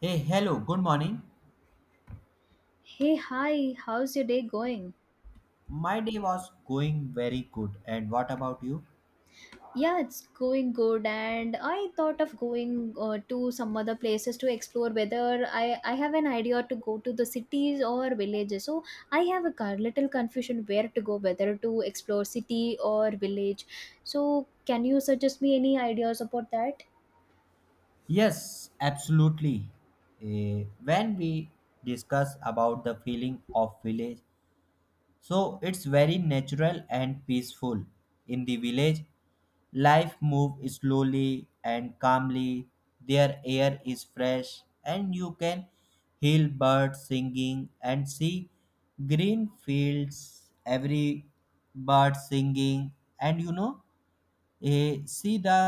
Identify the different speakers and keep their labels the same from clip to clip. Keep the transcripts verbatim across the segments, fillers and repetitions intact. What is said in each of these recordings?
Speaker 1: Hey, hello, good morning.
Speaker 2: Hey, hi, how's your day going?
Speaker 1: My day was going very good. And what about you?
Speaker 2: Yeah, it's going good, and I thought of going uh, to some other places to explore whether I, I have an idea to go to the cities or villages. So I have a car, little confusion where to go, whether to explore city or village. So can you suggest me any ideas about that?
Speaker 1: Yes, absolutely. Eh, when we discuss about the feeling of village, so it's very natural and peaceful. In the village, life moves slowly and calmly. Their air is fresh, and you can hear birds singing and see green fields. Every bird singing, and you know, eh, see the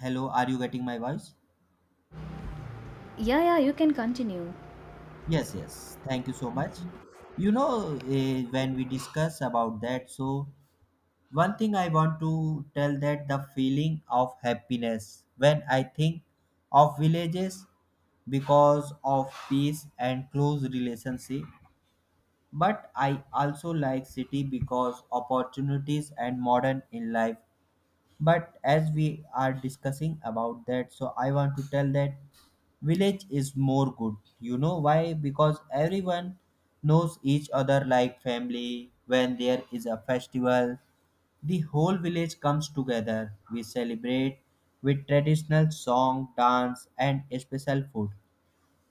Speaker 1: hello. Are you getting my voice?
Speaker 2: Yeah, yeah, you can continue.
Speaker 1: Yes, yes. Thank you so much. You know, eh, when we discuss about that, so one thing I want to tell that the feeling of happiness when I think of villages because of peace and close relationship, but I also like city because opportunities and modern in life, but as we are discussing about that, so I want to tell that village is more good, you know why, because everyone knows each other like family. When there is a festival, the whole village comes together. We celebrate with traditional song, dance, and special food.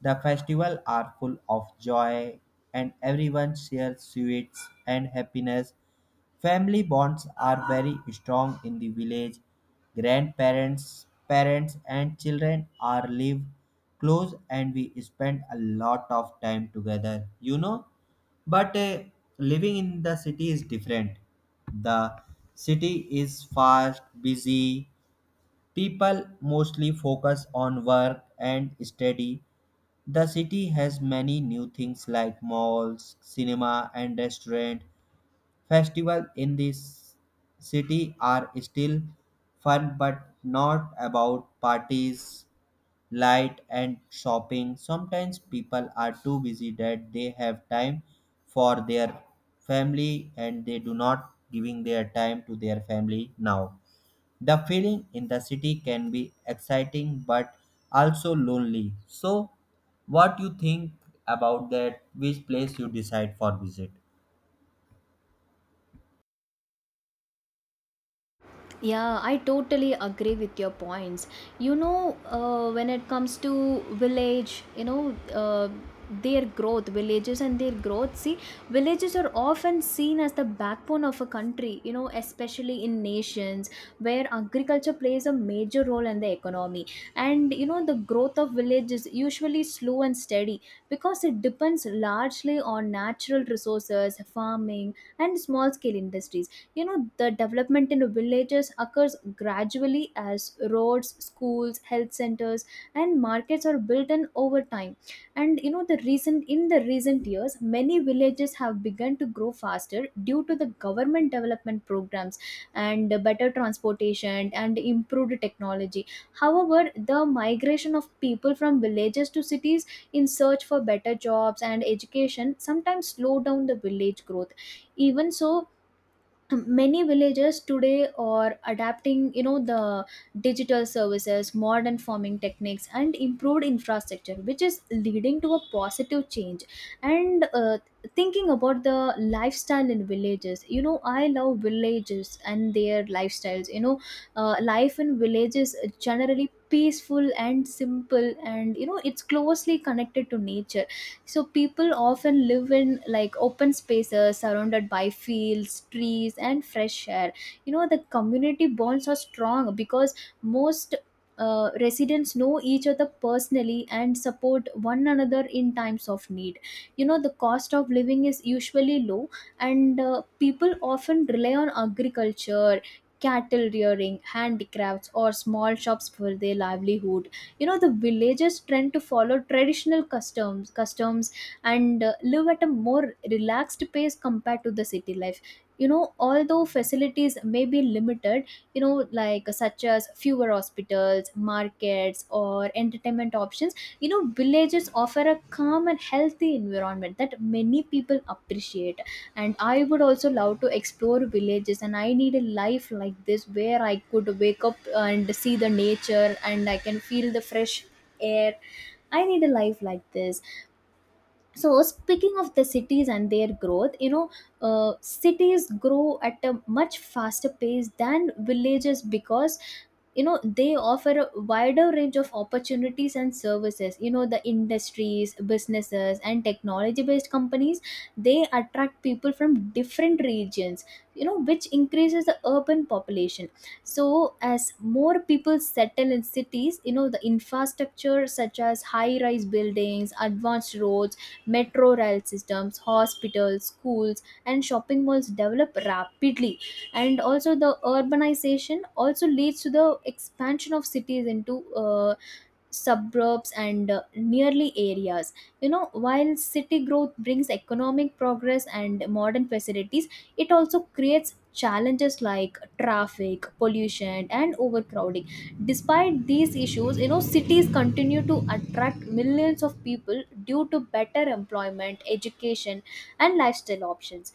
Speaker 1: The festival are full of joy, and everyone shares sweets and happiness. Family bonds are very strong in the village. Grandparents, parents and children are live close, and we spend a lot of time together. You know, but uh, Living in the city is different. The city is fast, busy. People mostly focus on work and study. The city has many new things like malls, cinema and restaurant. Festival in this city are still fun but not about parties, light and shopping. Sometimes people are too busy that they have time for their family, and they do not giving their time to their family now. The feeling in the city can be exciting but also lonely. So, what you think about that? Which place you decide for visit?
Speaker 2: Yeah, I totally agree with your points. You know, uh, when it comes to village, you know, uh, their growth, villages and their growth, see, villages are often seen as the backbone of a country, you know, especially in nations where agriculture plays a major role in the economy. And, you know, the growth of villages usually slow and steady because it depends largely on natural resources, farming, and small scale industries. You know, the development in villages occurs gradually as roads, schools, health centers and markets are built in over time. And you know, the recent in the recent years many villages have begun to grow faster due to the government development programs and better transportation and improved technology. However, the migration of people from villages to cities in search for better jobs and education sometimes slow down the village growth. Even so, many villagers today are adapting, you know, the digital services, modern farming techniques and improved infrastructure, which is leading to a positive change. And uh, thinking about the lifestyle in villages, you know, I love villages and their lifestyles. You know, uh, life in villages is generally peaceful and simple, and you know, it's closely connected to nature. So people often live in like open spaces surrounded by fields, trees and fresh air. You know, the community bonds are strong because most uh, residents know each other personally and support one another in times of need. You know, the cost of living is usually low, and uh, people often rely on agriculture, cattle rearing, handicrafts or small shops for their livelihood. You know, the villagers tend to follow traditional customs customs and uh, live at a more relaxed pace compared to the city life. You know, although facilities may be limited, you know, like such as fewer hospitals, markets or entertainment options, you know, villages offer a calm and healthy environment that many people appreciate. And I would also love to explore villages, and I need a life like this where I could wake up and see the nature and I can feel the fresh air. I need a life like this. So speaking of the cities and their growth, you know, uh, cities grow at a much faster pace than villages because, you know, they offer a wider range of opportunities and services. You know, the industries, businesses and technology based companies, they attract people from different regions, you know, which increases the urban population. So as more people settle in cities, you know, the infrastructure such as high rise buildings, advanced roads, metro rail systems, hospitals, schools, and shopping malls develop rapidly. And also, the urbanization also leads to the expansion of cities into uh, suburbs and uh, nearly areas. You know, while city growth brings economic progress and modern facilities, it also creates challenges like traffic, pollution and overcrowding. Despite these issues, you know, cities continue to attract millions of people due to better employment, education and lifestyle options.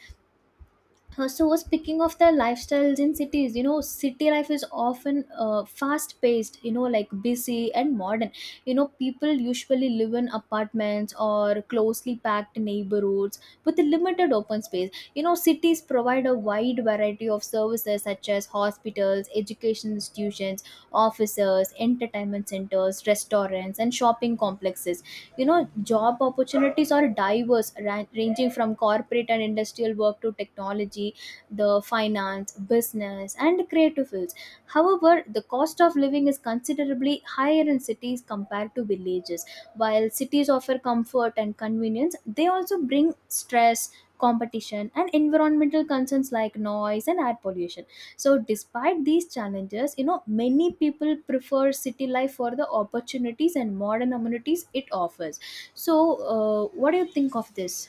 Speaker 2: Uh, so uh, speaking of the lifestyles in cities, you know, city life is often uh, fast paced, you know, like busy and modern. You know, people usually live in apartments or closely packed neighborhoods with a limited open space. You know, cities provide a wide variety of services such as hospitals, education institutions, offices, entertainment centers, restaurants and shopping complexes. You know, job opportunities are diverse, ran- ranging from corporate and industrial work to technology, the finance, business and creative fields. However, the cost of living is considerably higher in cities compared to villages. While cities offer comfort and convenience, they also bring stress, competition and environmental concerns like noise and air pollution. So despite these challenges, you know, many people prefer city life for the opportunities and modern amenities it offers. So uh, what do you think of this?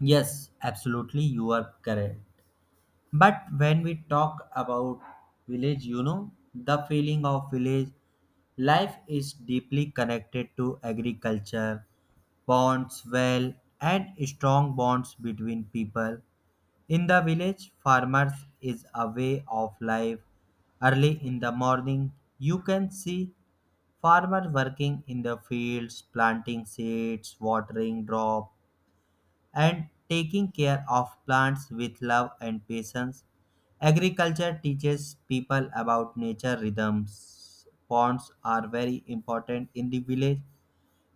Speaker 1: Yes, absolutely, you are correct. But when we talk about village, you know, the feeling of village life is deeply connected to agriculture, bonds, well, and strong bonds between people. In the village, farmers is a way of life. Early in the morning, you can see farmers working in the fields, planting seeds, watering crop, and taking care of plants with love and patience. Agriculture teaches people about nature rhythms. Ponds are very important in the village.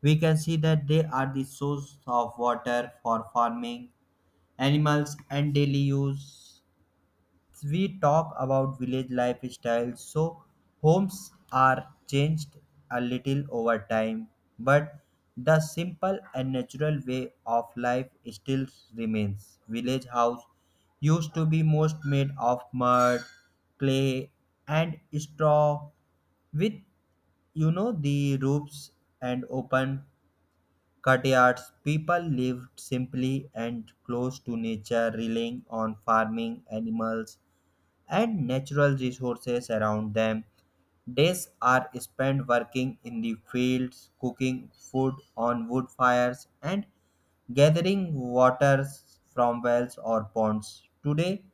Speaker 1: We can see that they are the source of water for farming, animals, and daily use. We talk about village lifestyle, so homes are changed a little over time, but the simple and natural way of life still remains. Village house used to be most made of mud, clay, and straw, with you know the roofs and open courtyards. People lived simply and close to nature, relying on farming animals and natural resources around them. Days are spent working in the fields, cooking food on wood fires, and gathering waters from wells or ponds. Today,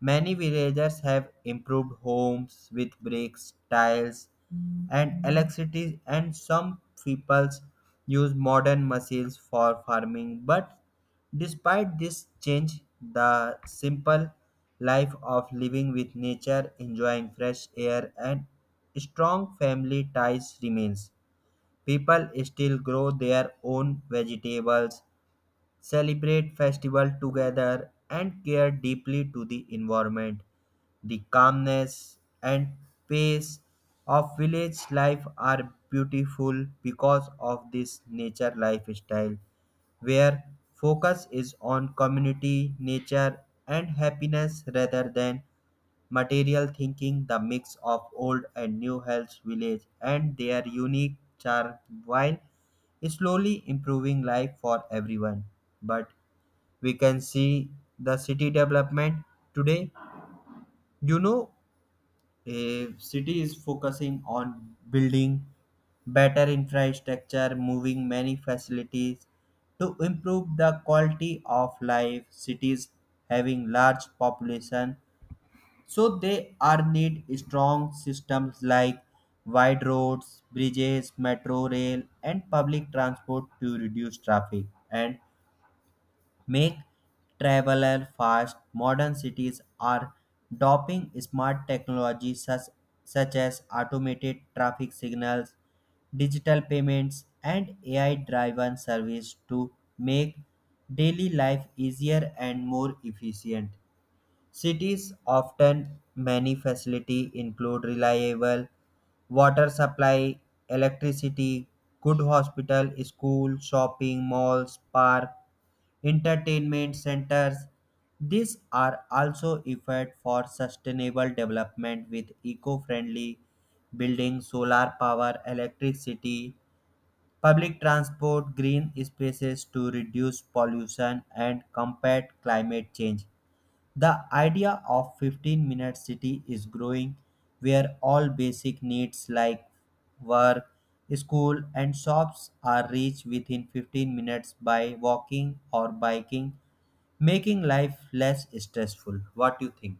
Speaker 1: many villagers have improved homes with bricks, tiles, and electricity, and some peoples use modern machines for farming. But despite this change, the simple life of living with nature, enjoying fresh air, and strong family ties remains. People still grow their own vegetables, celebrate festival together and care deeply to the environment. The calmness and pace of village life are beautiful because of this nature lifestyle, where focus is on community, nature and happiness rather than material thinking, the mix of old and new Hell's Village, and their unique charm while slowly improving life for everyone. But we can see the city development today. You know, a city is focusing on building better infrastructure, moving many facilities to improve the quality of life. Cities having large population, so they are need strong systems like wide roads, bridges, metro rail, and public transport to reduce traffic and make traveler fast. Modern cities are adopting smart technologies such, such as automated traffic signals, digital payments, and A I-driven service to make daily life easier and more efficient. Cities often many facilities include reliable water supply, electricity, good hospital, school, shopping malls, park, entertainment centers. These are also effort for sustainable development with eco-friendly building, solar power, electricity, public transport, green spaces to reduce pollution and combat climate change. The idea of fifteen minute city is growing, where all basic needs like work, school and shops are reached within fifteen minutes by walking or biking, making life less stressful. What do you think?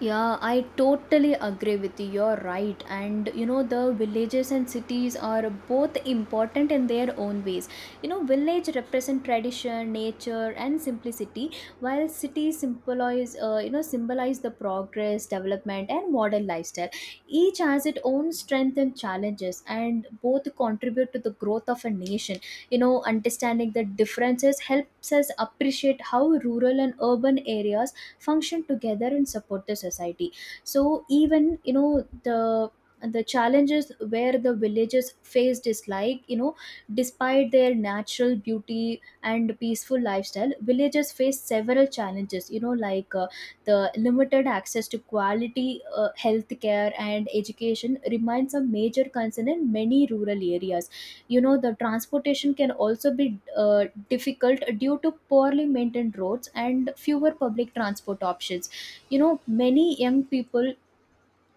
Speaker 2: Yeah, I totally agree with you. You're right. And you know, the villages and cities are both important in their own ways. You know, village represent tradition, nature, and simplicity, while cities symbolize, uh, you know, symbolize the progress, development, and modern lifestyle. Each has its own strength and challenges, and both contribute to the growth of a nation. You know, understanding the differences helps us appreciate how rural and urban areas function together and support the society. So even you know, the the challenges where the villages faced is like, you know, despite their natural beauty and peaceful lifestyle, villages face several challenges. You know, like uh, the limited access to quality uh, health care and education remains a major concern in many rural areas. You know, the transportation can also be uh, difficult due to poorly maintained roads and fewer public transport options. You know, many young people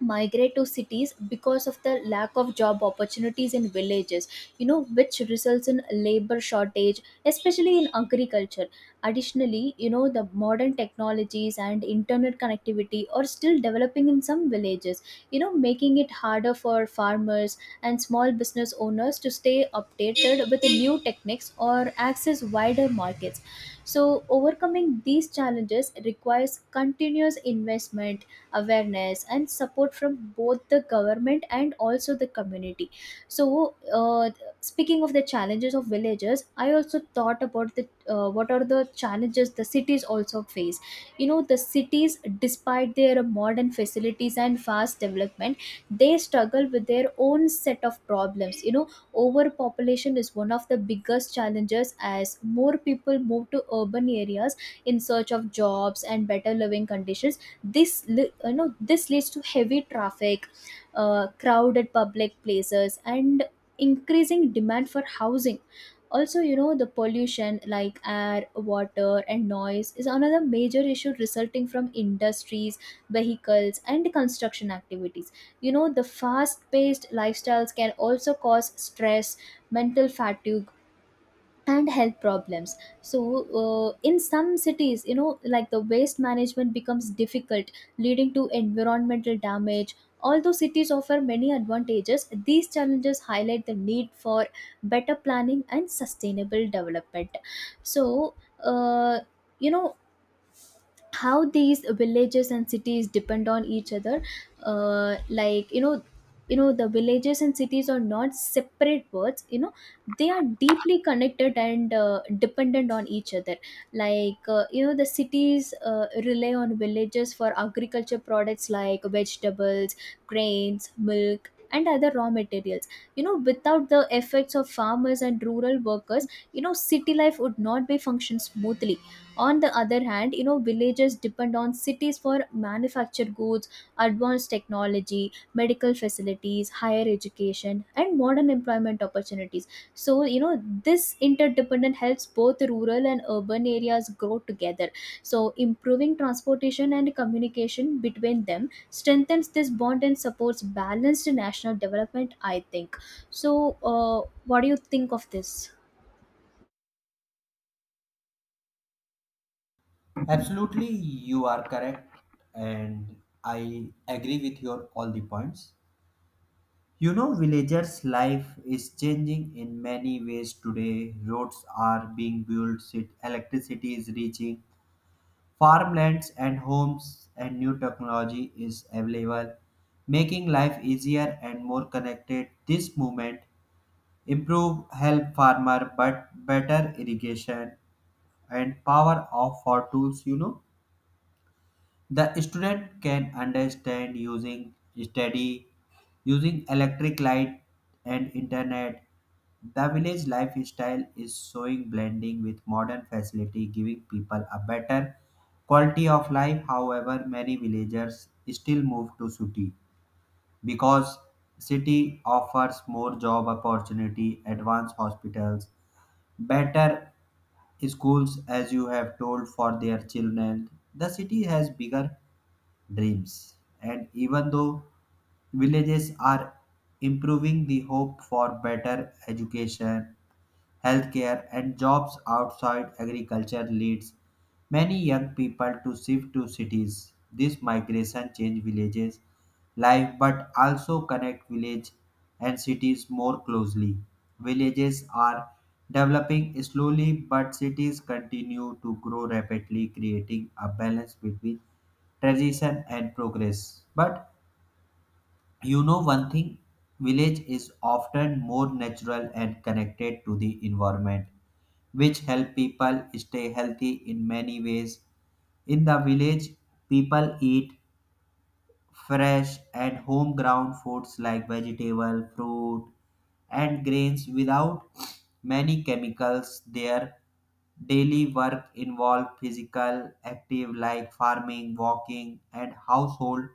Speaker 2: migrate to cities because of the lack of job opportunities in villages, you know, which results in labor shortage especially in agriculture. Additionally, you know, the modern technologies and internet connectivity are still developing in some villages, you know, making it harder for farmers and small business owners to stay updated with the new techniques or access wider markets. So overcoming these challenges requires continuous investment, awareness and support from both the government and also the community. So uh, speaking of the challenges of villages, I also thought about the uh, what are the challenges the cities also face. You know, the cities, despite their modern facilities and fast development, they struggle with their own set of problems. You know, overpopulation is one of the biggest challenges as more people move to urban areas in search of jobs and better living conditions. This li- you know, this leads to heavy traffic, uh, crowded public places and increasing demand for housing. Also, you know, the pollution like air, water and noise is another major issue resulting from industries, vehicles and construction activities. You know, the fast paced lifestyles can also cause stress, mental fatigue and health problems. So uh, in some cities, you know, like the waste management becomes difficult, leading to environmental damage. Although cities offer many advantages, these challenges highlight the need for better planning and sustainable development. So uh, you know, how these villages and cities depend on each other. Uh, like, you know, you know, the villages and cities are not separate words. You know, they are deeply connected and uh, dependent on each other. Like, uh, you know, the cities uh, rely on villages for agriculture products like vegetables, grains, milk and other raw materials. You know, without the efforts of farmers and rural workers, you know, city life would not be function smoothly. On the other hand, you know, villages depend on cities for manufactured goods, advanced technology, medical facilities, higher education and modern employment opportunities. So you know, this interdependent helps both rural and urban areas grow together. So improving transportation and communication between them strengthens this bond and supports balanced national development, I think. So uh, what do you think of this?
Speaker 1: Absolutely, you are correct, and I agree with your all the points. You know, villagers' life is changing in many ways today. Roads are being built, cit- electricity is reaching, farmlands and homes, and new technology is available, making life easier and more connected. This movement improve help farmer but better irrigation and power of for tools, you know. The student can understand using study, using electric light and internet. The village lifestyle is showing blending with modern facility, giving people a better quality of life. However, many villagers still move to city because city offers more job opportunity, advanced hospitals, better schools as you have told for their children. The city has bigger dreams. And even though villages are improving, the hope for better education, healthcare, and jobs outside agriculture leads many young people to shift to cities. This migration change villages' life but also connect village and cities more closely. Villages are developing slowly, but cities continue to grow rapidly, creating a balance between tradition and progress. But you know one thing, village is often more natural and connected to the environment, which help people stay healthy in many ways. In the village, people eat fresh and home ground foods like vegetable, fruit, and grains without many chemicals. Their daily work involve physical active like farming, walking, and household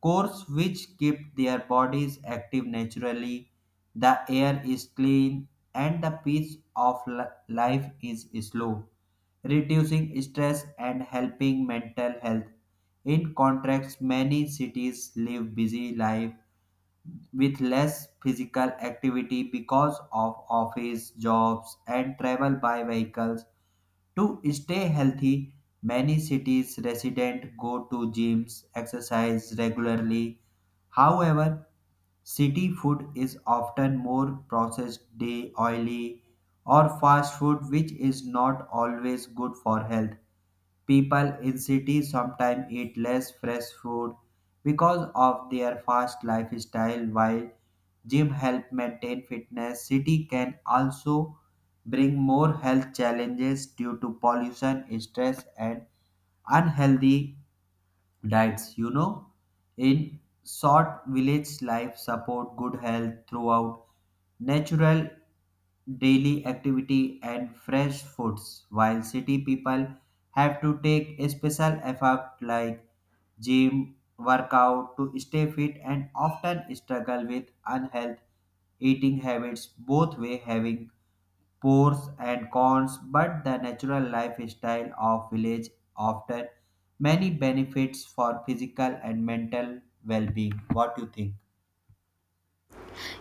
Speaker 1: cores, which keep their bodies active naturally, the air is clean, and the pace of li- life is slow, reducing stress and helping mental health. In contrast, many cities live busy life with less physical activity because of office jobs and travel by vehicles. To stay healthy, many cities residents go to gyms, exercise regularly. However, city food is often more processed, day oily, or fast food, which is not always good for health. People in cities sometimes eat less fresh food because of their fast lifestyle, while gym help maintain fitness. City can also bring more health challenges due to pollution, stress and unhealthy diets, you know. In short, village life support good health throughout natural daily activity and fresh foods, while city people have to take a special effort like gym workout to stay fit and often struggle with unhealth eating habits. Both way having pros and cons, but the natural lifestyle of village often many benefits for physical and mental well-being. What do you think?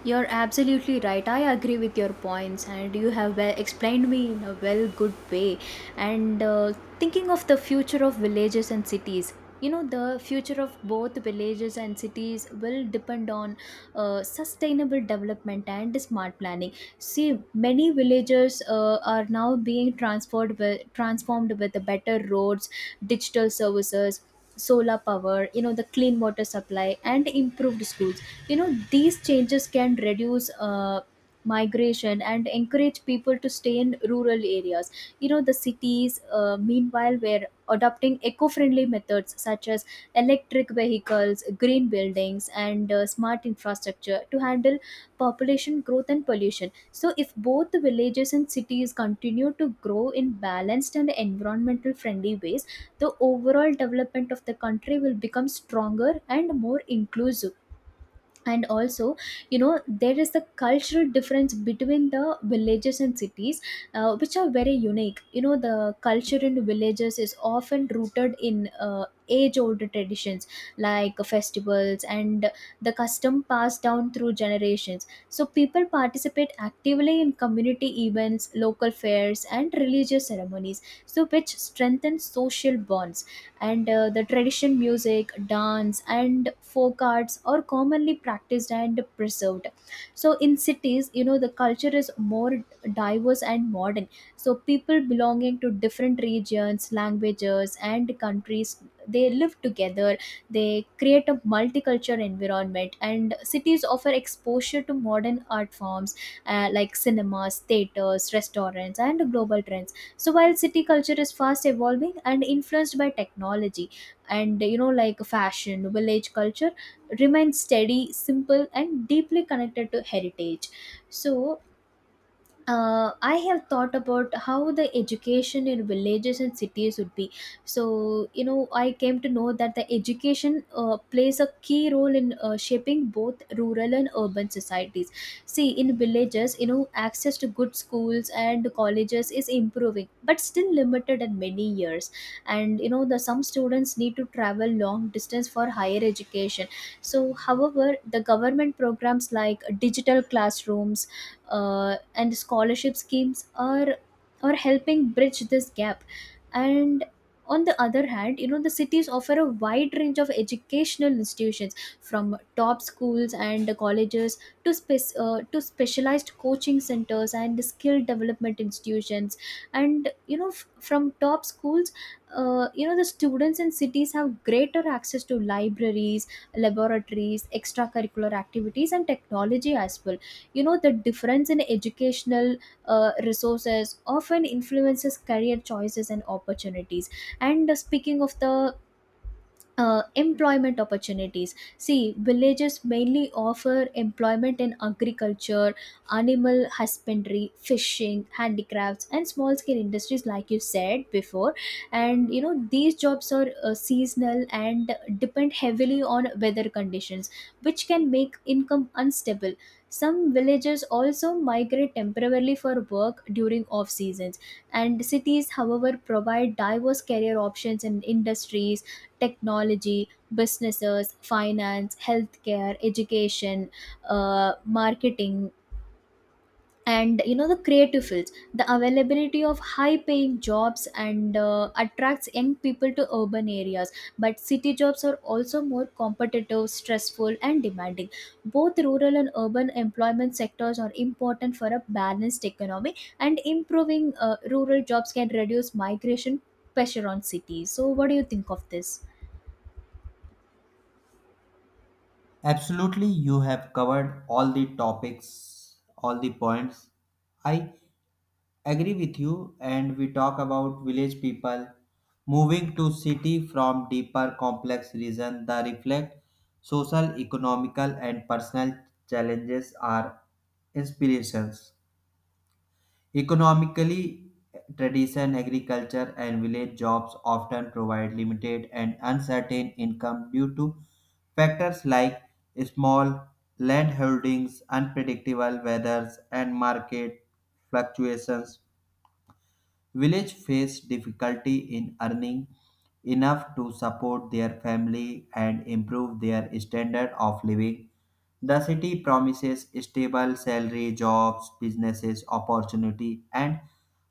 Speaker 2: You're absolutely right. I agree with your points, and you have well explained me in a well good way. And uh, thinking of the future of villages and cities, you know, the future of both villages and cities will depend on uh, sustainable development and smart planning. See, many villages uh, are now being transformed with, transformed with the better roads, digital services, solar power, you know, the clean water supply and improved schools. You know, these changes can reduce uh, migration and encourage people to stay in rural areas. You know, the cities uh, meanwhile were adopting eco-friendly methods such as electric vehicles, green buildings, and uh, smart infrastructure to handle population growth and pollution. So if both the villages and cities continue to grow in balanced and environmental friendly ways, the overall development of the country will become stronger and more inclusive. And also, you know, there is the cultural difference between the villages and cities, uh, which are very unique. You know, the culture in villages is often rooted in uh, age old traditions, like festivals and the custom passed down through generations. So people participate actively in community events, local fairs, and religious ceremonies, so which strengthen social bonds. And uh, the traditional music, dance, and folk arts are commonly practiced and preserved. So in cities, you know, the culture is more diverse and modern. So people belonging to different regions, languages, and countries, they live together, they create a multicultural environment, and cities offer exposure to modern art forms, uh, like cinemas, theaters, restaurants, and global trends. So while city culture is fast evolving and influenced by technology and, you know, like fashion, village culture remains steady, simple, and deeply connected to heritage. So uh, I have thought about how the education in villages and cities would be. So, you know, I came to know that the education uh, plays a key role in uh, shaping both rural and urban societies. See, in villages, you know, access to good schools and colleges is improving, but still limited in many years. And, you know, the some students need to travel long distance for higher education. So, however, the government programs like digital classrooms uh, and scholarship schemes are are helping bridge this gap. And on the other hand, you know, the cities offer a wide range of educational institutions, from top schools and colleges to spec- uh, to specialized coaching centers and skill development institutions. And you know, f- from top schools, uh, you know, the students in cities have greater access to libraries, laboratories, extracurricular activities, and technology as well. You know, the difference in educational uh, resources often influences career choices and opportunities. And uh, speaking of the uh, employment opportunities, see, villages mainly offer employment in agriculture, animal husbandry, fishing, handicrafts, and small scale industries, like you said before. And you know, these jobs are uh, seasonal and depend heavily on weather conditions, which can make income unstable. Some villages also migrate temporarily for work during off seasons. And cities, however, provide diverse career options in industries, technology, businesses, finance, healthcare, education, uh, marketing, and, you know, the creative fields. The availability of high-paying jobs and uh, attracts young people to urban areas. But city jobs are also more competitive, stressful, and demanding. Both rural and urban employment sectors are important for a balanced economy, and improving uh, rural jobs can reduce migration pressure on cities. So, what do you think of this?
Speaker 1: Absolutely, you have covered all the topics, all the points. I agree with you, and we talk about village people moving to city from deeper complex reason that reflect social, economical, and personal challenges are inspirations. Economically, tradition, agriculture, and village jobs often provide limited and uncertain income due to factors like small land holdings, unpredictable weathers, and market fluctuations. Village face difficulty in earning enough to support their family and improve their standard of living. The city promises stable salary, jobs, businesses, opportunity, and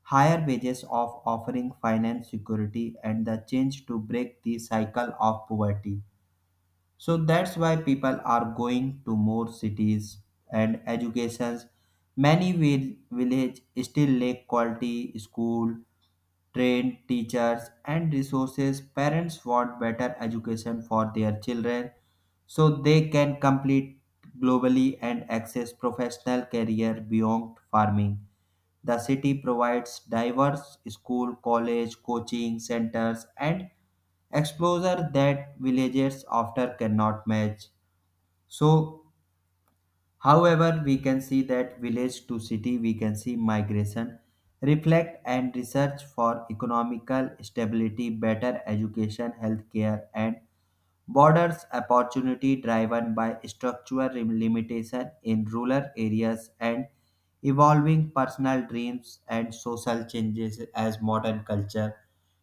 Speaker 1: higher wages of offering finance security and the change to break the cycle of poverty. So that's why people are going to more cities and educations. Many vil- village still lack quality school, trained teachers and resources. Parents want better education for their children, so they can complete globally and access professional career beyond farming. The city provides diverse school, college, coaching centers and exposure that villages often cannot match. So however, we can see that village to city, we can see migration, reflect and research for economical stability, better education, healthcare, and borders opportunity, driven by structural limitation in rural areas and evolving personal dreams and social changes as modern culture.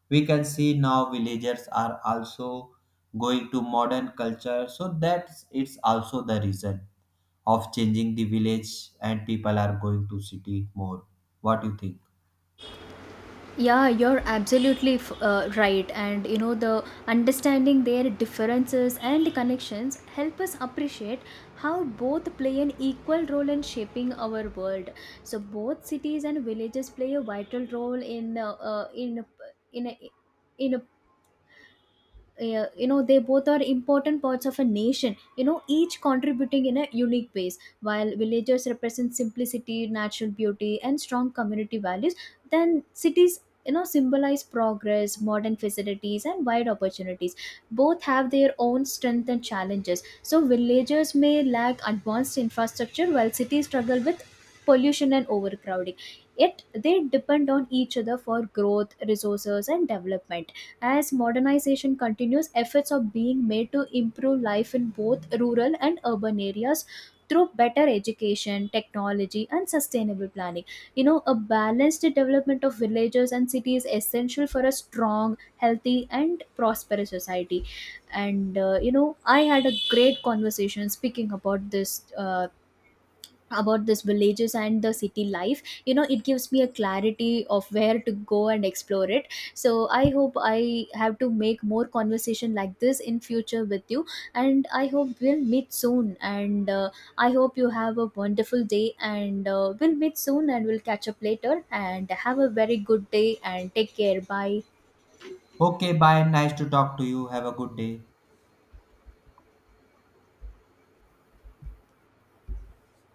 Speaker 1: We can see now villagers are also going to modern culture, so that's it's also the reason of changing the village, and people are going to city more. What do you think?
Speaker 2: Yeah, you're absolutely f- uh, right. And you know, the understanding their differences and connections help us appreciate how both play an equal role in shaping our world. So both cities and villages play a vital role in uh, uh, in in in uh, you know, they both are important parts of a nation. You know, each contributing in a unique ways, while villagers represent simplicity, natural beauty, and strong community values, then cities, you know, symbolize progress, modern facilities, and wide opportunities. Both have their own strength and challenges. So villagers may lack advanced infrastructure, while cities struggle with pollution and overcrowding, yet they depend on each other for growth, resources, and development. As modernization continues, efforts are being made to improve life in both rural and urban areas through better education, technology, and sustainable planning. You know, a balanced development of villages and cities is essential for a strong, healthy, and prosperous society. And uh, you know, I had a great conversation speaking about this, uh, about this villages and the city life. You know, it gives me a clarity of where to go and explore it. So I hope I have to make more conversation like this in future with you, and I hope we'll meet soon. And uh, I hope you have a wonderful day, and uh, we'll meet soon, and we'll catch up later, and have a very good day, and take care. Bye.
Speaker 1: Okay, bye. Nice to talk to you. Have a good day.